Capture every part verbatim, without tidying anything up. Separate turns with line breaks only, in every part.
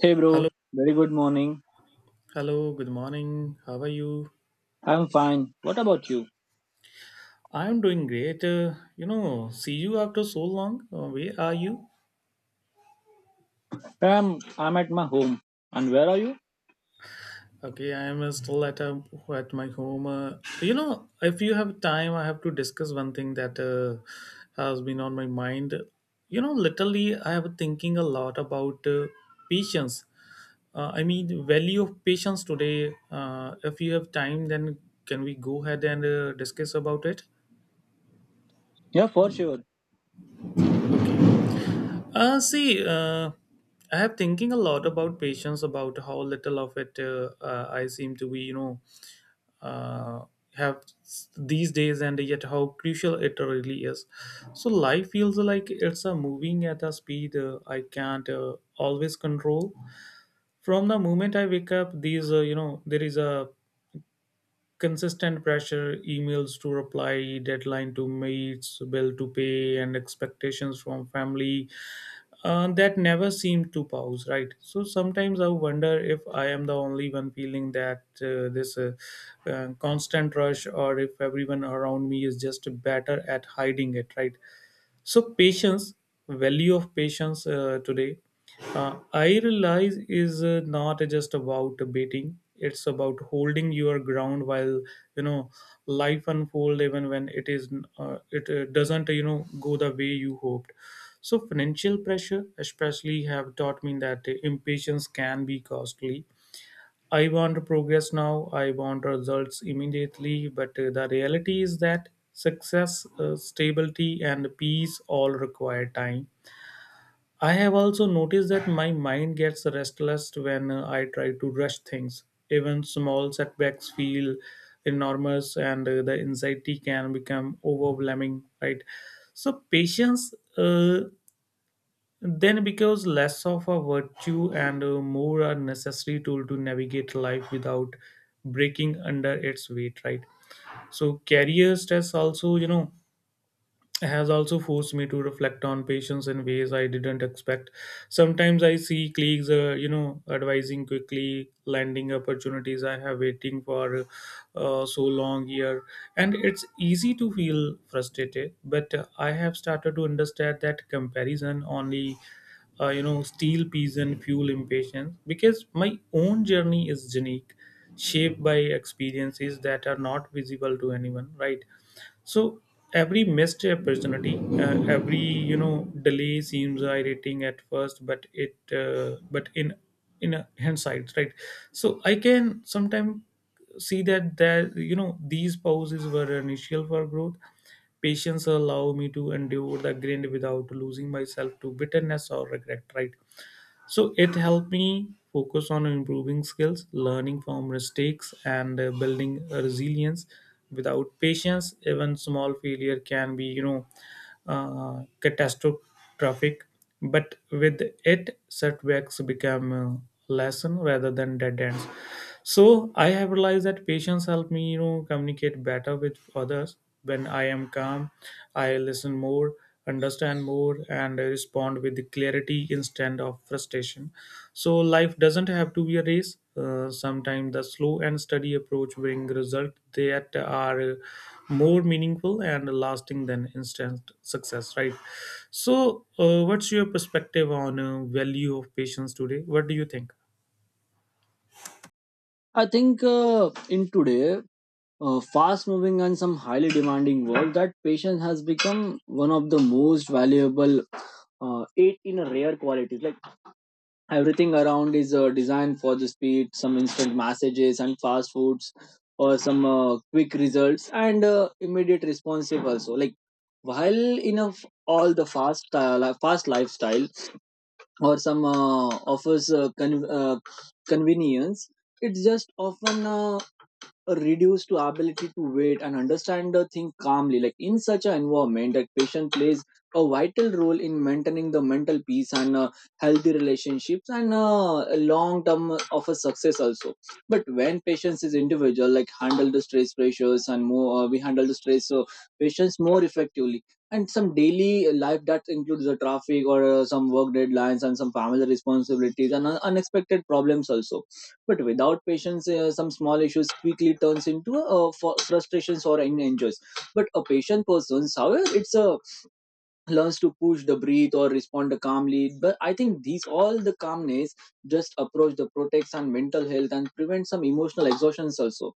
Hey bro,
Hello,
very good morning.
hello, good morning. How are you?
I'm fine. What about you?
I'm doing great. Uh, you know, see you after so long. Uh, where are you?
I'm I'm at my home. And where are you?
Okay, I'm uh, still at um at my home. Uh, you know, if you have time, I have to discuss one thing that uh, has been on my mind. You know, literally, I have thinking a lot about uh, patience. Uh, I mean, value of patience today. Uh, if you have time, then can we go ahead and uh, discuss about it?
Yeah, for sure.
Uh, see, uh, I have thinking a lot about patience, about how little of it uh, uh, I seem to be, you know, uh, have s- these days, and yet how crucial it really is. So life feels like it's a moving at a speed uh, I can't uh, always control. From the moment I wake up, these, uh, you know, there is a consistent pressure, emails to reply, deadline to meet, bill to pay, and expectations from family uh, that never seem to pause, right? So sometimes I wonder if I am the only one feeling that uh, this uh, uh, constant rush, or if everyone around me is just better at hiding it, right? So patience, value of patience uh, today, uh, I realize is uh, not just about debating. It's about holding your ground while you know life unfold even when it is uh, it uh, doesn't you know go the way you hoped. So financial pressure especially have taught me that impatience can be costly. I want progress now, I want results immediately, but uh, the reality is that success, uh, stability and peace all require time. I have also noticed that my mind gets restless when uh, I try to rush things. Even small setbacks feel enormous, and uh, the anxiety can become overwhelming, right? So patience uh, then becomes less of a virtue and uh, more a necessary tool to navigate life without breaking under its weight, right? So career stress also, you know has also forced me to reflect on patience in ways I didn't expect. Sometimes I see colleagues, uh, you know, advising quickly, landing opportunities I have waiting for uh, so long here, and it's easy to feel frustrated. But uh, I have started to understand that comparison only. Uh, you know, steel peas and fuel impatience because my own journey is unique, shaped by experiences that are not visible to anyone, right? So every missed opportunity, uh, every you know delay seems irritating at first, but it uh, but in in a hindsight, right? So I can sometimes see that that you know these pauses were initial for growth. Patience allow me to endure the grind without losing myself to bitterness or regret, right? So it helped me focus on improving skills, learning from mistakes, and uh, building a resilience. Without patience, even small failure can be, you know, uh, catastrophic. But with it, setbacks become a lesson rather than dead ends. So I have realized that patience helped me, you know, communicate better with others. When I am calm, I listen more, understand more, and respond with clarity instead of frustration. So life doesn't have to be a race. Uh, sometimes the slow and steady approach bring results that are more meaningful and lasting than instant success, right? So uh, what's your perspective on uh, value of patience today? What do you think?
I think uh, in today uh, fast moving and some highly demanding world that patience has become one of the most valuable uh, eight in a rare qualities. Like everything around is uh, designed for the speed some instant messages and fast foods or some uh, quick results and uh, immediate responsive also like while in of all the fast uh, li- fast lifestyle or some uh, offers uh, con- uh, convenience it's just often uh, reduced to ability to wait and understand the thing calmly like in such an environment that patient plays a vital role in maintaining the mental peace and uh, healthy relationships and uh, long term of a success also but when patients is individual like handle the stress pressures and more uh, we handle the stress so patients more effectively and some daily life that includes the traffic or uh, some work deadlines and some family responsibilities and un- unexpected problems also but without patience, uh, some small issues quickly turns into uh, fu- frustrations or in- enjoys. But a patient person, however, it's a learns to push the breathe or respond calmly. But I think these all the calmness just approach the protects and mental health and prevent some emotional exhaustions also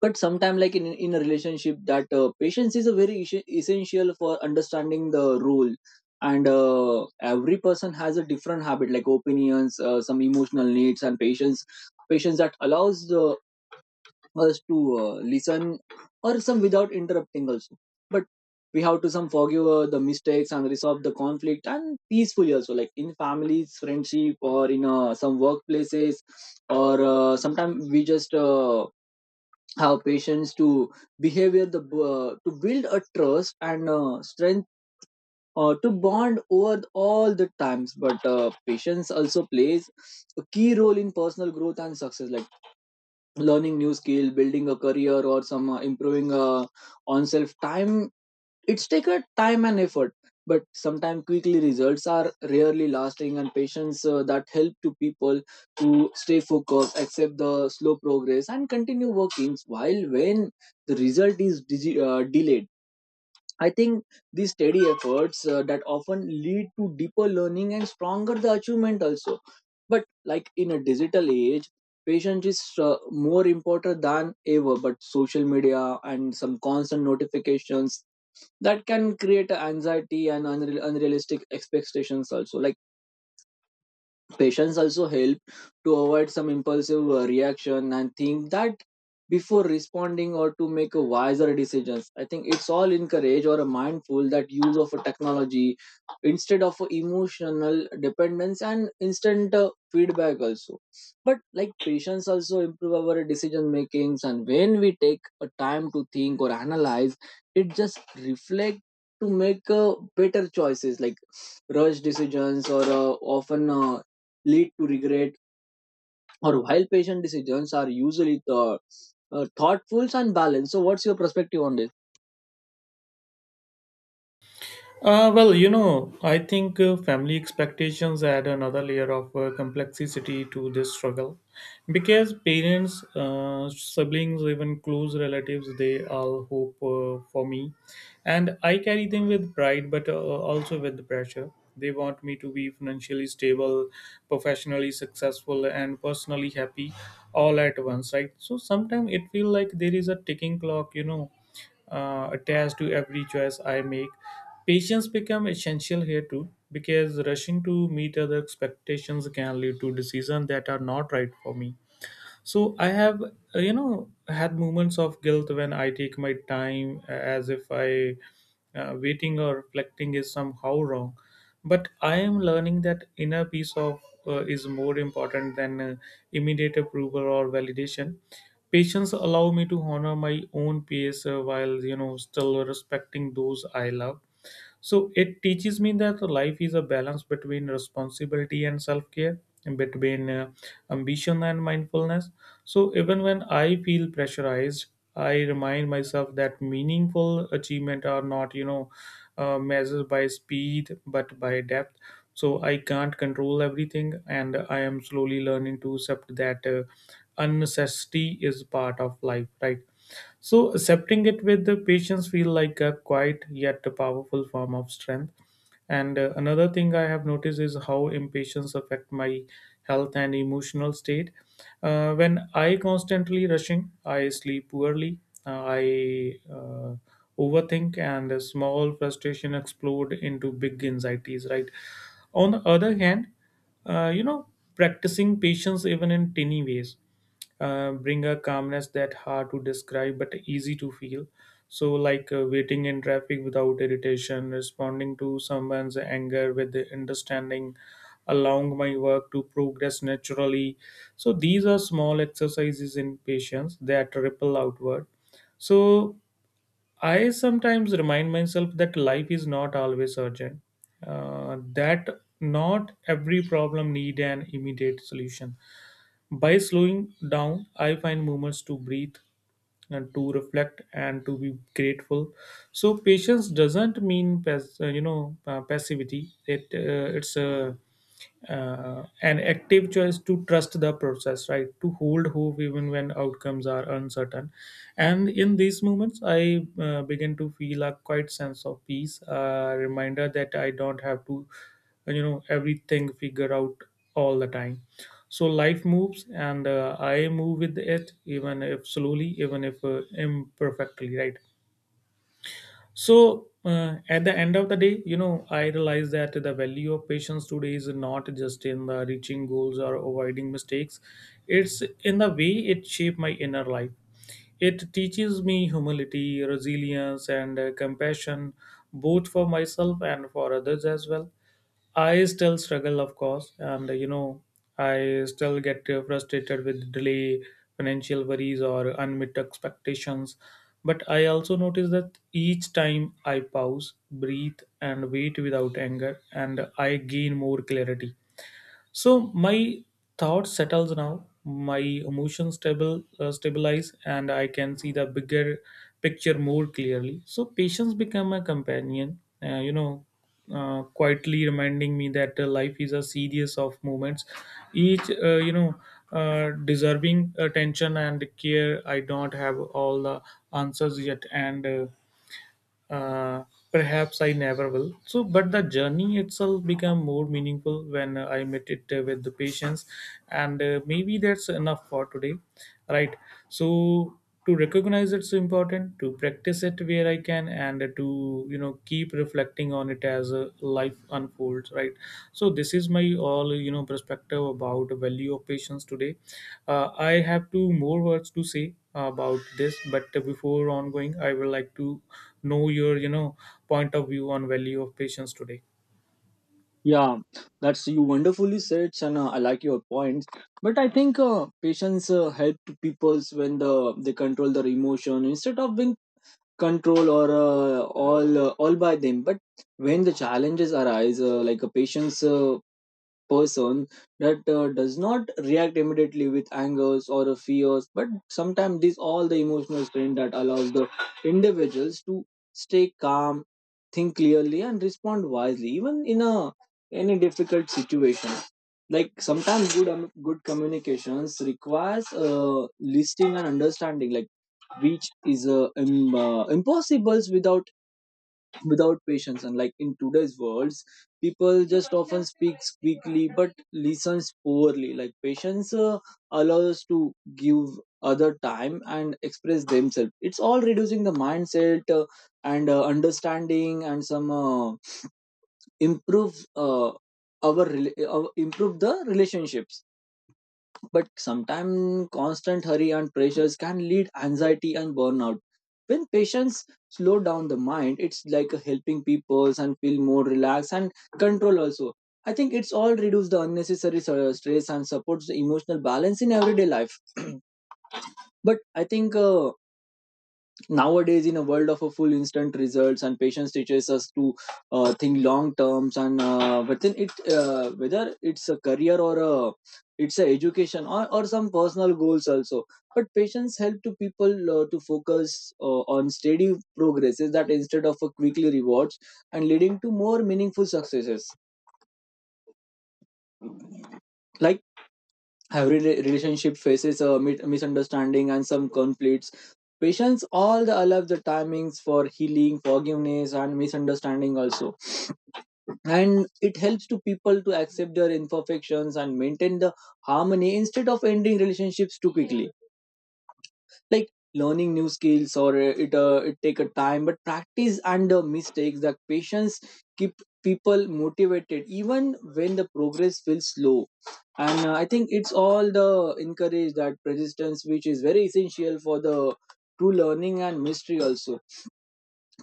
but sometime, like in in a relationship, that uh, patience is a very issue, essential for understanding the role. And uh, every person has a different habit, like opinions, uh, some emotional needs, and patience. Patience that allows uh, us to uh, listen, or some without interrupting also. But we have to some forgive uh, the mistakes and resolve the conflict and peacefully also, like in families, friendship, or in uh, some workplaces, or uh, sometimes we just. Uh, have patience to behavior the uh, to build a trust and uh, strength uh, to bond over all the times but uh, patience also plays a key role in personal growth and success like learning new skill building a career or some uh, improving uh, on self time it's taken time and effort, but sometimes quickly results are rarely lasting, and patience uh, that help to people to stay focused, accept the slow progress, and continue working. While when the result is digi- uh, delayed, I think these steady efforts uh, that often lead to deeper learning and stronger the achievement also. But like in a digital age, patience is uh, more important than ever. But social media and some constant notifications that can create anxiety and unreal, unrealistic expectations also like patience also help to avoid some impulsive uh, reaction and think that before responding or to make a wiser decisions. I think it's all encourage or a mindful that use of a technology instead of a emotional dependence and instant uh, feedback also. But like patience also improve our decision makings and when we take a time to think or analyze, it just reflect to make uh, better choices like rush decisions or uh, often uh, lead to regret or while patient decisions are usually the uh, thoughtful and balanced. So what's your perspective on this?
Uh, well, you know, I think uh, family expectations add another layer of uh, complexity to this struggle because parents, uh, siblings, even close relatives, they all hope uh, for me. And I carry them with pride, but uh, also with pressure. They want me to be financially stable, professionally successful, and personally happy all at once, right? So sometimes it feels like there is a ticking clock, you know uh, attached to every choice I make. Patience become essential here too because rushing to meet other expectations can lead to decisions that are not right for me. So I have, uh, you know had moments of guilt when I take my time, uh, as if I, uh, waiting or reflecting is somehow wrong. But I am learning that inner peace of, uh, is more important than uh, immediate approval or validation. Patience allow me to honor my own pace, uh, while you know still respecting those I love. So it teaches me that life is a balance between responsibility and self care, between uh, ambition and mindfulness. So even when I feel pressurized, I remind myself that meaningful achievement are not, you know, uh, measured by speed but by depth. So I can't control everything, and I am slowly learning to accept that uh, unnecessity is part of life, right? So accepting it with the patience feel like a quiet yet a powerful form of strength. And uh, another thing I have noticed is how impatience affect my health and emotional state. Uh, when I constantly rushing, I sleep poorly. uh, I uh, overthink, and a small frustration explode into big anxieties. Right. On the other hand, uh, you know, practicing patience even in tiny ways uh, bring a calmness that hard to describe but easy to feel. So, like, uh, waiting in traffic without irritation, responding to someone's anger with the understanding, allowing my work to progress naturally. So these are small exercises in patience that ripple outward. So I sometimes remind myself that life is not always urgent, uh, that not every problem need an immediate solution. By slowing down, I find moments to breathe and to reflect and to be grateful. So patience doesn't mean pass, uh, you know uh, passivity. It uh, it's a, uh, an active choice to trust the process, right? To hold hope even when outcomes are uncertain. And in these moments, I uh, begin to feel a quiet sense of peace, a reminder that I don't have to, you know everything figure out all the time. So life moves, and uh, I move with it, even if slowly, even if uh, imperfectly, right? So, uh, at the end of the day, you know, I realize that the value of patience today is not just in the reaching goals or avoiding mistakes. It's in the way it shaped my inner life. It teaches me humility, resilience, and uh, compassion, both for myself and for others as well. I still struggle, of course, and uh, you know, I still get uh, frustrated with delay, financial worries, or unmet expectations. But I also notice that each time I pause, breathe, and wait without anger, and I gain more clarity. So my thought settles now, my emotions stable uh, stabilize, and I can see the bigger picture more clearly. So patience become a companion, uh, you know, uh, quietly reminding me that uh, life is a series of moments, each uh, you know uh, deserving attention and care. I don't have all the answers yet, and uh, uh, perhaps I never will. So, but the journey itself became more meaningful when uh, I met it uh, with the patients, and uh, maybe that's enough for today, right? So, to recognize it's important, to practice it where I can, and uh, to you know keep reflecting on it as uh, life unfolds, right? So, this is my all you know perspective about the value of patience today. Uh, I have two more words to say about this, but before ongoing, I would like to know your you know point of view on value of patience today.
Yeah, that's you wonderfully said, and uh, I like your points. But I think uh, patients uh, help to peoples when the they control their emotion instead of being control or uh, all uh, all by them but when the challenges arise uh, like a patient's uh, person that uh, does not react immediately with angers or a fears but sometimes these all the emotional strain that allows the individuals to stay calm think clearly and respond wisely even in a any difficult situation like sometimes good um, good communications requires uh, listening and understanding like which is uh, im- uh, impossible without without patience and like in today's worlds people just often speaks quickly but listens poorly like patience uh, allows us to give other time and express themselves it's all reducing the mindset uh, and uh, understanding and some uh, improve uh, our rela- uh, improve the relationships but sometimes constant hurry and pressures can lead anxiety and burnout. When patients slow down the mind, it's like helping people and feel more relaxed and control also. I think it's all reduce the unnecessary sur- stress and supports the emotional balance in everyday life. But I think uh, nowadays in a world of a full instant results and patience teaches us to uh, think long terms and uh, within it uh, whether it's a career or a it's a education or, or some personal goals also but patience help to people uh, to focus uh, on steady progresses that instead of a quickly rewards and leading to more meaningful successes like every rela- relationship faces a mi- misunderstanding and some conflicts patience all the allow the timings for healing forgiveness and misunderstanding also and it helps to people to accept their imperfections and maintain the harmony instead of ending relationships too quickly like learning new skills or uh, it uh, it take a time but practice and uh, mistakes that patience keep people motivated even when the progress feels slow and uh, I think it's all the encourage that persistence which is very essential for the true learning and mystery also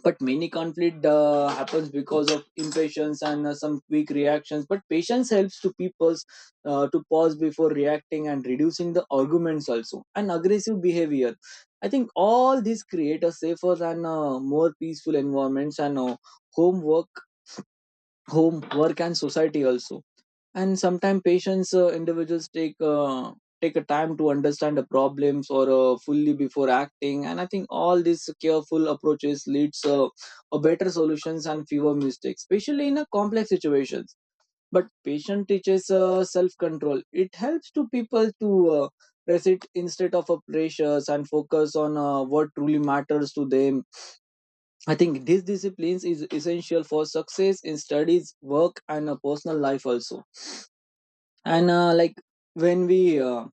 but many conflict uh, happens because of impatience and uh, some quick reactions but patience helps to people uh, to pause before reacting and reducing the arguments also and aggressive behavior I think all these create a safer and uh, more peaceful environments and uh, home work home work and society also and sometimes patients uh, individuals take uh, take a time to understand the problems or uh, fully before acting and I think all these careful approaches leads uh, a better solutions and fewer mistakes especially in a complex situations but patient teaches uh, self control it helps to people to uh, resist instead of a pressures and focus on uh, what truly matters to them I think these disciplines is essential for success in studies work and a personal life also and uh, like when we uh,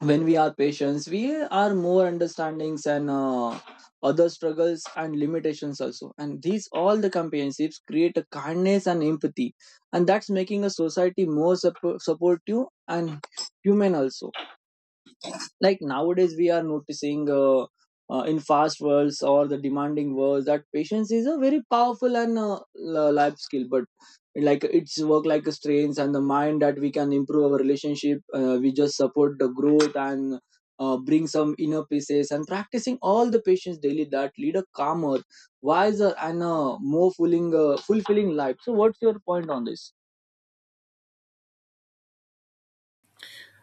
when we are patients we are more understandings and uh, other struggles and limitations also and these all the companionships create a kindness and empathy and that's making a society more sup- supportive and human also like nowadays we are noticing uh, uh, in fast worlds or the demanding worlds that patience is a very powerful and uh, li- life skill but like it's work like a strength and the mind that we can improve our relationship uh, we just support the growth and uh, bring some inner pieces and practicing all the patience daily that lead a calmer wiser and uh, more fulfilling uh, fulfilling life. So what's your point on this?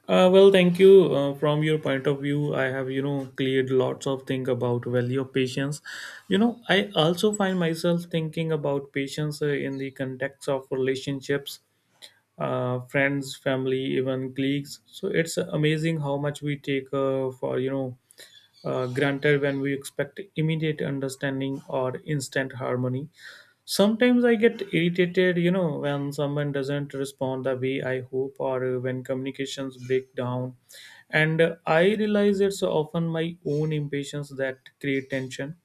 Uh, well thank you. Uh, from your point of view, I have you know cleared lots of things about value of patience. you know I also find myself thinking about patience uh, in the context of relationships, uh, friends, family, even colleagues. So it's amazing how much we take uh, for you know uh, granted when we expect immediate understanding or instant harmony. Sometimes I get irritated, you know, when someone doesn't respond the way I hope, or uh, when communications break down. And uh, I realize it's often my own impatience that create tension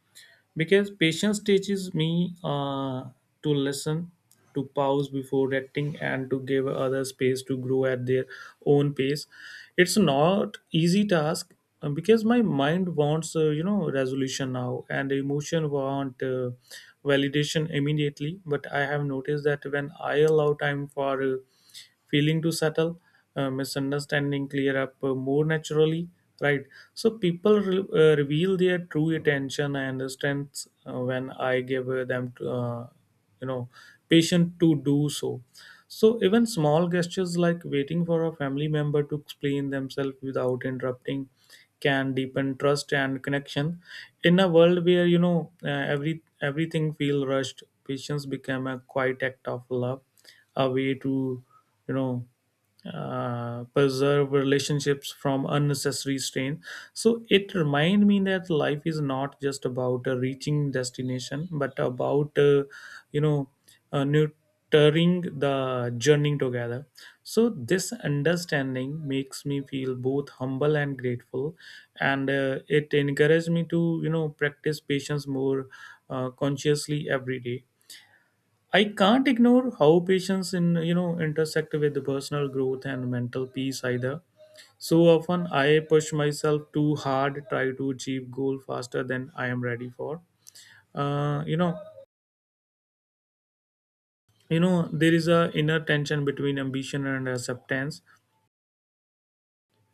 because patience teaches me uh, to listen, to pause before acting, and to give others space to grow at their own pace. It's not easy task, uh, because my mind wants, uh, you know resolution now, and emotion want uh, validation immediately. But I have noticed that when I allow time for uh, feeling to settle, uh, misunderstanding clear up uh, more naturally, right? So people re- uh, reveal their true intention and strengths uh, when I give uh, them uh, you know patient to do so. So even small gestures like waiting for a family member to explain themselves without interrupting can deepen trust and connection. In a world where you know uh, every everything feel rushed, patience become a quiet act of love, a way to you know uh, preserve relationships from unnecessary strain. So it remind me that life is not just about uh, reaching destination, but about uh, you know uh, nurturing the journey together. So this understanding makes me feel both humble and grateful, and uh, it encourages me to you know practice patience more uh, consciously every day. I can't ignore how patients in, you know intersect with the personal growth and mental peace either. So often I push myself too hard, try to achieve goal faster than I am ready for. Uh, you know, you know there is a inner tension between ambition and acceptance,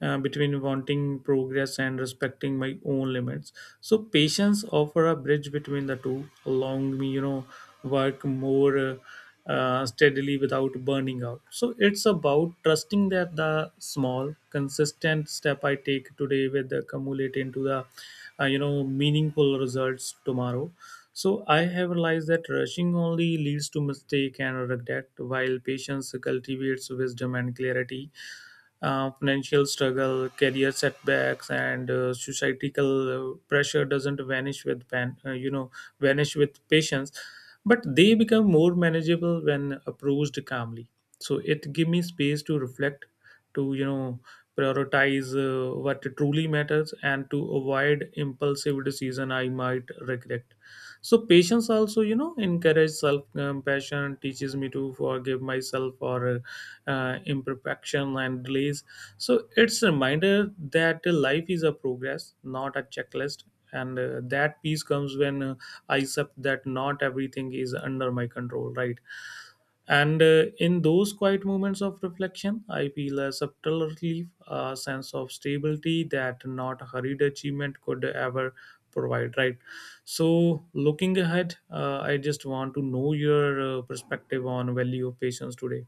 uh, between wanting progress and respecting my own limits. So patience offer a bridge between the two, allowing me, you know, work more uh, uh, steadily without burning out. So it's about trusting that the small, consistent step I take today will accumulate into the, uh, you know, meaningful results tomorrow. So I have realized that rushing only leads to mistake and regret, while patience cultivates wisdom and clarity. Uh, financial struggle, career setbacks, and uh, societal uh, pressure doesn't vanish with pan, uh, you know vanish with patience, but they become more manageable when approached calmly. So it give me space to reflect, to you know prioritize uh, what truly matters, and to avoid impulsive decision I might regret. So patience also, you know encourage self compassion, teaches me to forgive myself for uh, imperfection and delays. So it's a reminder that life is a progress, not a checklist, and uh, that peace comes when uh, I accept that not everything is under my control, right? And uh, in those quiet moments of reflection, I feel a subtle relief, a sense of stability that not hurried achievement could ever provide, right? So, looking ahead, uh, I just want to know your uh, perspective on value of patience today.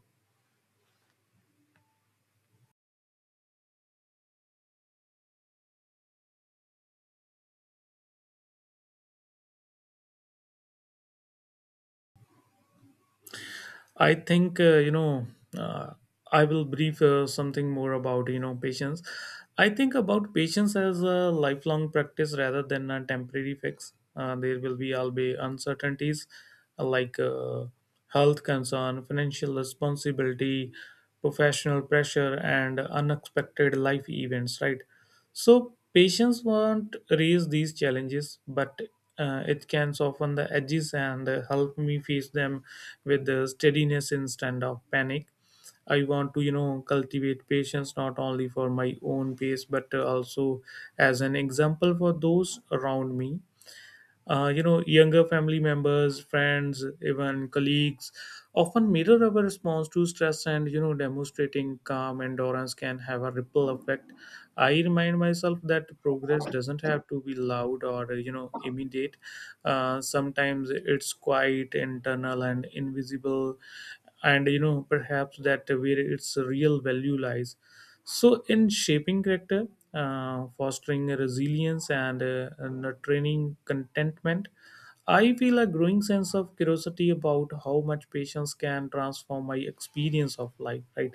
I think uh, you know uh, I will brief uh, something more about, you know patience. I think about patience as a lifelong practice rather than a temporary fix. Uh, there will be always uncertainties uh, like uh, health concern, financial responsibility, professional pressure, and unexpected life events. Right, so patience won't raise these challenges, but uh, it can soften the edges and uh, help me face them with the steadiness instead of panic. I want to, you know, cultivate patience not only for my own pace, but uh, also as an example for those around me. Uh, you know younger family members, friends, even colleagues often mirror our response to stress, and you know demonstrating calm endurance can have a ripple effect. I remind myself that progress doesn't have to be loud or, you know immediate. Uh, sometimes it's quite internal and invisible, and, you know perhaps that where its real value lies. So, in shaping character, uh, fostering resilience, and, uh, and training contentment, I feel a growing sense of curiosity about how much patience can transform my experience of life, right?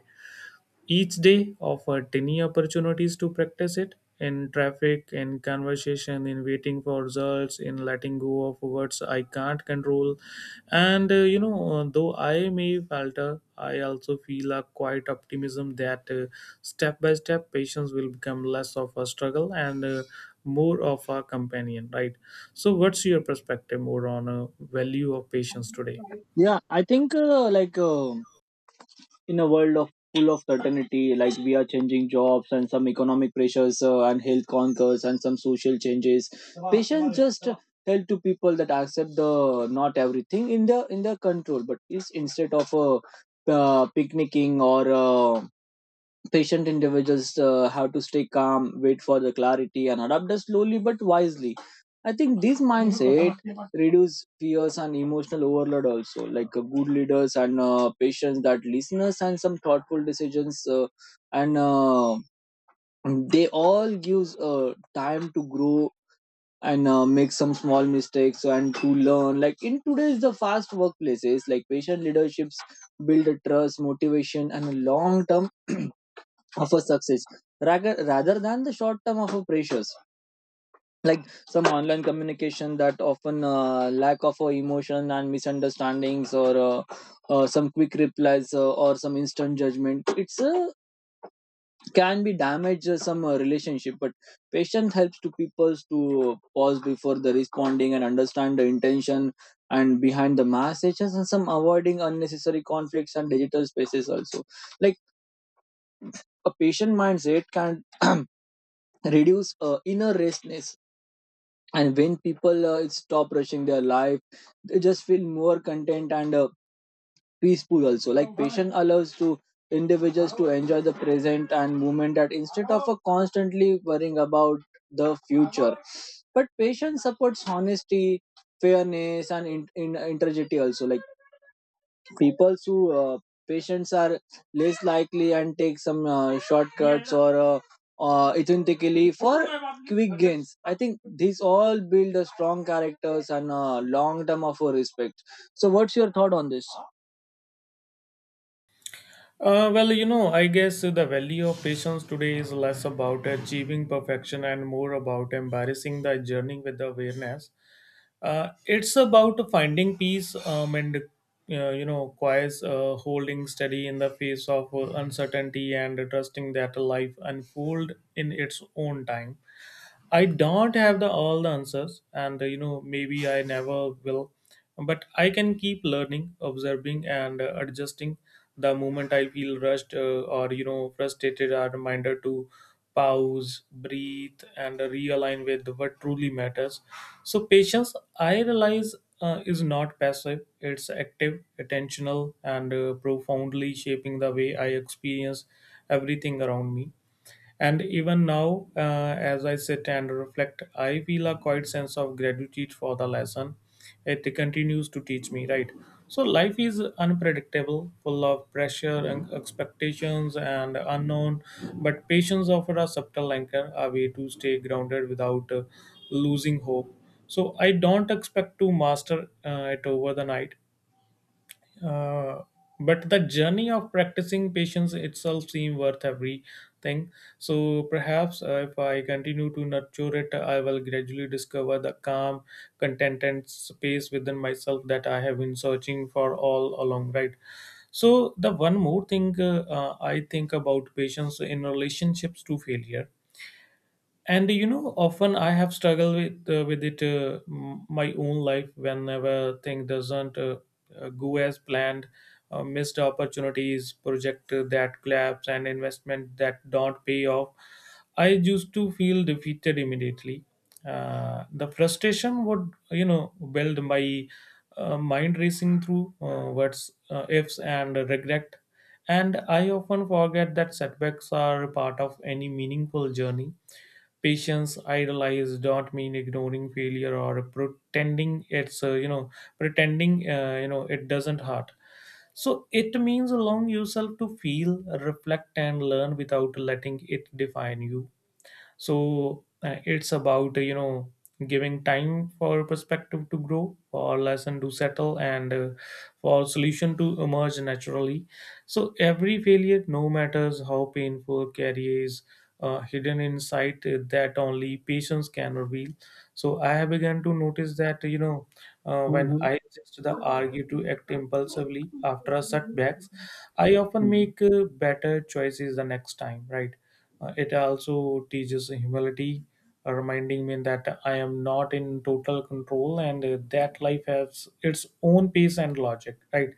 Each day offered ten opportunities to practice it in traffic, in conversation, in waiting for results, in letting go of words I can't control. And uh, you know, though I may falter, I also feel a quiet optimism that, uh, step by step, patience will become less of a struggle and uh, more of a companion, right? So, what's your perspective more on uh, value of patience today?
Yeah, I think uh, like. Uh, in a world of full of certainty like we are changing jobs and some economic pressures uh, and health conquers and some social changes patience just uh, tell to people that accept the not everything in the in their control but is instead of uh, uh, picnicking or uh, patient individuals uh, have to stay calm, wait for the clarity, and adapt us slowly but wisely. I think this mindset reduce fears and emotional overload also. Like uh, good leaders and uh, patients that listeners and some thoughtful decisions, uh, and uh, they all gives uh, time to grow and uh, make some small mistakes and to learn. Like in today's the fast workplaces, like patient leaderships build a trust, motivation, and a long term of a success rather rather than the short term of a pressures like some online communication that often uh, lack of uh, emotion and misunderstandings or uh, uh, some quick replies uh, or some instant judgment it's uh, can be damage uh, some uh, relationship but patience helps to people to pause before the responding and understand the intention and behind the messages and some avoiding unnecessary conflicts and digital spaces also like a patient mindset can reduce uh, inner restlessness and when people uh, stop rushing their life they just feel more content and uh, peaceful also like patience allows to individuals to enjoy the present and moment that instead of a constantly worrying about the future but patience supports honesty fairness and in, in, integrity also like people who uh, patients are less likely and take some uh, shortcuts or uh, uh, authentically for quick gains I think these all build a strong characters and uh, long term of a respect. So what's your thought on this?
Uh, well, you know, I guess the value of patience today is less about achieving perfection and more about embarrassing the journey with awareness. Uh, it's about finding peace, um, and, uh, you know, quiet, uh, holding steady in the face of uh, uncertainty, and trusting that life unfold in its own time. I don't have the all the answers, and uh, you know maybe I never will, but I can keep learning, observing, and uh, adjusting. The moment I feel rushed uh, or you know frustrated, a reminder to pause, breathe, and realign with what truly matters. So patience, I realize, uh, is not passive; it's active, attentional, and uh, profoundly shaping the way I experience everything around me. And even now, uh, as I sit and reflect, I feel a quiet sense of gratitude for the lesson it continues to teach me, right? So, life is unpredictable, full of pressure and expectations and unknown, but patience offers a subtle anchor, a way to stay grounded without uh, losing hope. So, I don't expect to master uh, it over the night, uh, but the journey of practicing patience itself seems worth everything. So perhaps uh, if I continue to nurture it, I will gradually discover the calm, contented space within myself that I have been searching for all along, right? So the one more thing, uh, uh, I think about patience in relationships to failure, and, you know often I have struggled with uh, with it, uh, m- my own life, whenever thing doesn't uh, uh, go as planned. Uh, missed opportunities, project uh, that collapse, and investment that don't pay off, I used to feel defeated immediately. Uh, the frustration would, you know build my uh, mind racing through, uh, what's uh, ifs and regret. And I often forget that setbacks are part of any meaningful journey. Patience idolized don't mean ignoring failure or pretending it's, uh, you know pretending, uh, you know it doesn't hurt. So it means allowing yourself to feel, reflect, and learn without letting it define you. So uh, it's about uh, you know giving time for perspective to grow, for lesson to settle, and uh, for solution to emerge naturally. So every failure, no matters how painful, carries uh, hidden insight uh, that only patience can reveal. So I have begun to notice that, you know uh, when
Mm-hmm.
I just the argue to act impulsively after a setbacks, I often
Mm-hmm.
make uh, better choices the next time, right? Uh, it also teaches humility, uh, reminding me that I am not in total control, and uh, that life has its own pace and logic, right?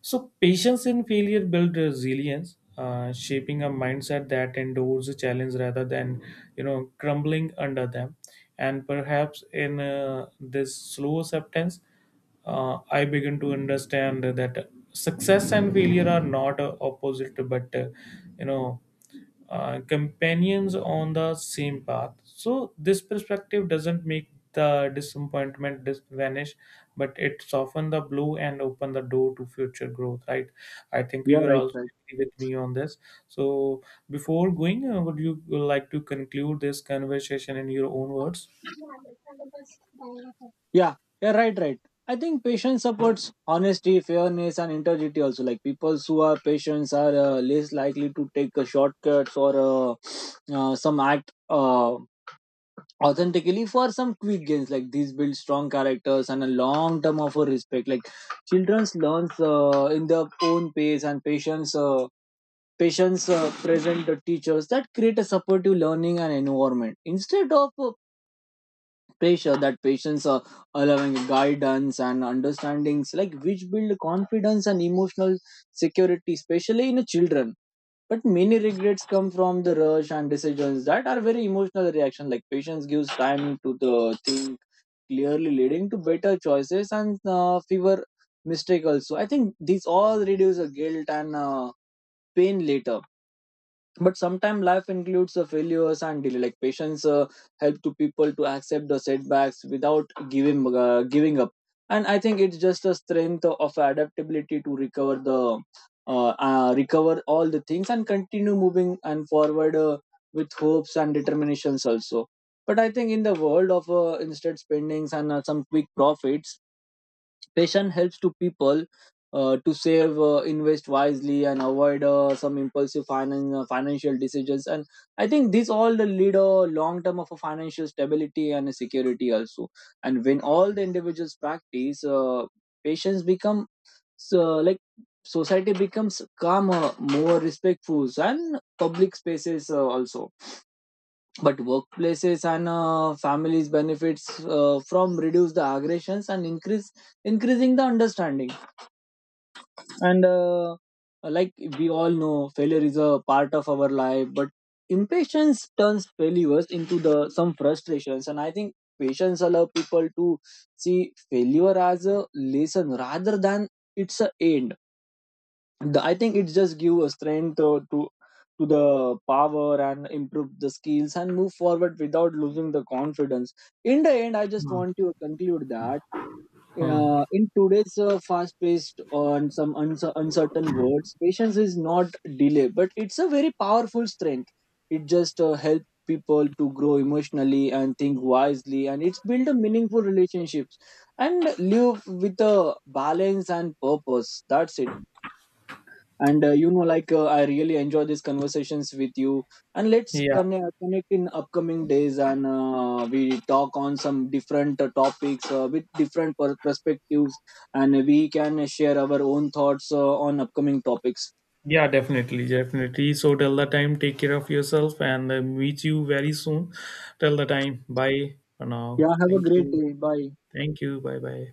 So, patience in failure builds resilience, uh, shaping a mindset that endures the challenge rather than, you know, crumbling under them. And perhaps in uh, this slow acceptance, uh, I begin to understand that success and failure are not uh, opposite, but uh, you know uh, companions on the same path. So this perspective doesn't make the disappointment dis- vanish, but it soften the blow and open the door to future growth. Right? I think
Yeah,
you are
right,
also
right.
agree with me on this. So before going, uh, would you like to conclude this conversation in your own words?
Yeah, yeah, right, right. I think patience supports honesty, fairness, and integrity. Also, like people who are patients are uh, less likely to take uh, shortcuts or uh, uh, some act uh, authentically for some quick gains. Like these build strong characters and a long term of uh, respect. Like children learns uh, in their own pace, and patience. Uh, Patients uh, present the teachers that create a supportive learning and environment instead of uh, pressure that patients are allowing guidance and understandings like which build confidence and emotional security especially in children but many regrets come from the rush and decisions that are very emotional reaction like patients gives time to the think clearly leading to better choices and uh, fewer mistake also I think these all reduce the guilt and uh, pain later but sometimes life includes a failures and delay like patience uh, help to people to accept the setbacks without giving uh, giving up and I think it's just a strength of adaptability to recover the uh, uh, recover all the things and continue moving and forward uh, with hopes and determinations also but I think in the world of uh, instant spendings and uh, some quick profits passion helps to people uh, to save, uh, invest wisely, and avoid uh, some impulsive finan- uh, financial decisions. And I think these all the lead a long term of a financial stability and security also. And when all the individuals practice, uh, patience become uh, like society becomes calmer, more respectful, and public spaces uh, also. But workplaces and uh, families benefits uh, from reduce the aggressions and increase increasing the understanding and uh, uh, like we all know failure is a part of our life but impatience turns failures into the some frustrations and I think patience allow people to see failure as a lesson rather than it's a end. The- I think it just give a strength uh, to to the power and improve the skills and move forward without losing the confidence in the end I just
Hmm.
want to conclude that
Hmm.
uh, in today's uh, fast-paced on some uncer uncertain words, patience is not delay, but it's a very powerful strength. It just uh, helps people to grow emotionally and think wisely, and it's build a meaningful relationships and live with a balance and purpose. That's it. And uh, you know like uh, I really enjoy these conversations with you and let's
Yeah.
connect, connect in upcoming days and uh, we talk on some different uh, topics uh, with different per- perspectives and we can share our own thoughts uh, on upcoming topics.
Yeah, definitely, definitely. So till the time, take care of yourself, and uh, meet you very soon. Till the time, bye for now.
Yeah, have a
Thank
great
you.
day. Bye.
Thank you. Bye bye.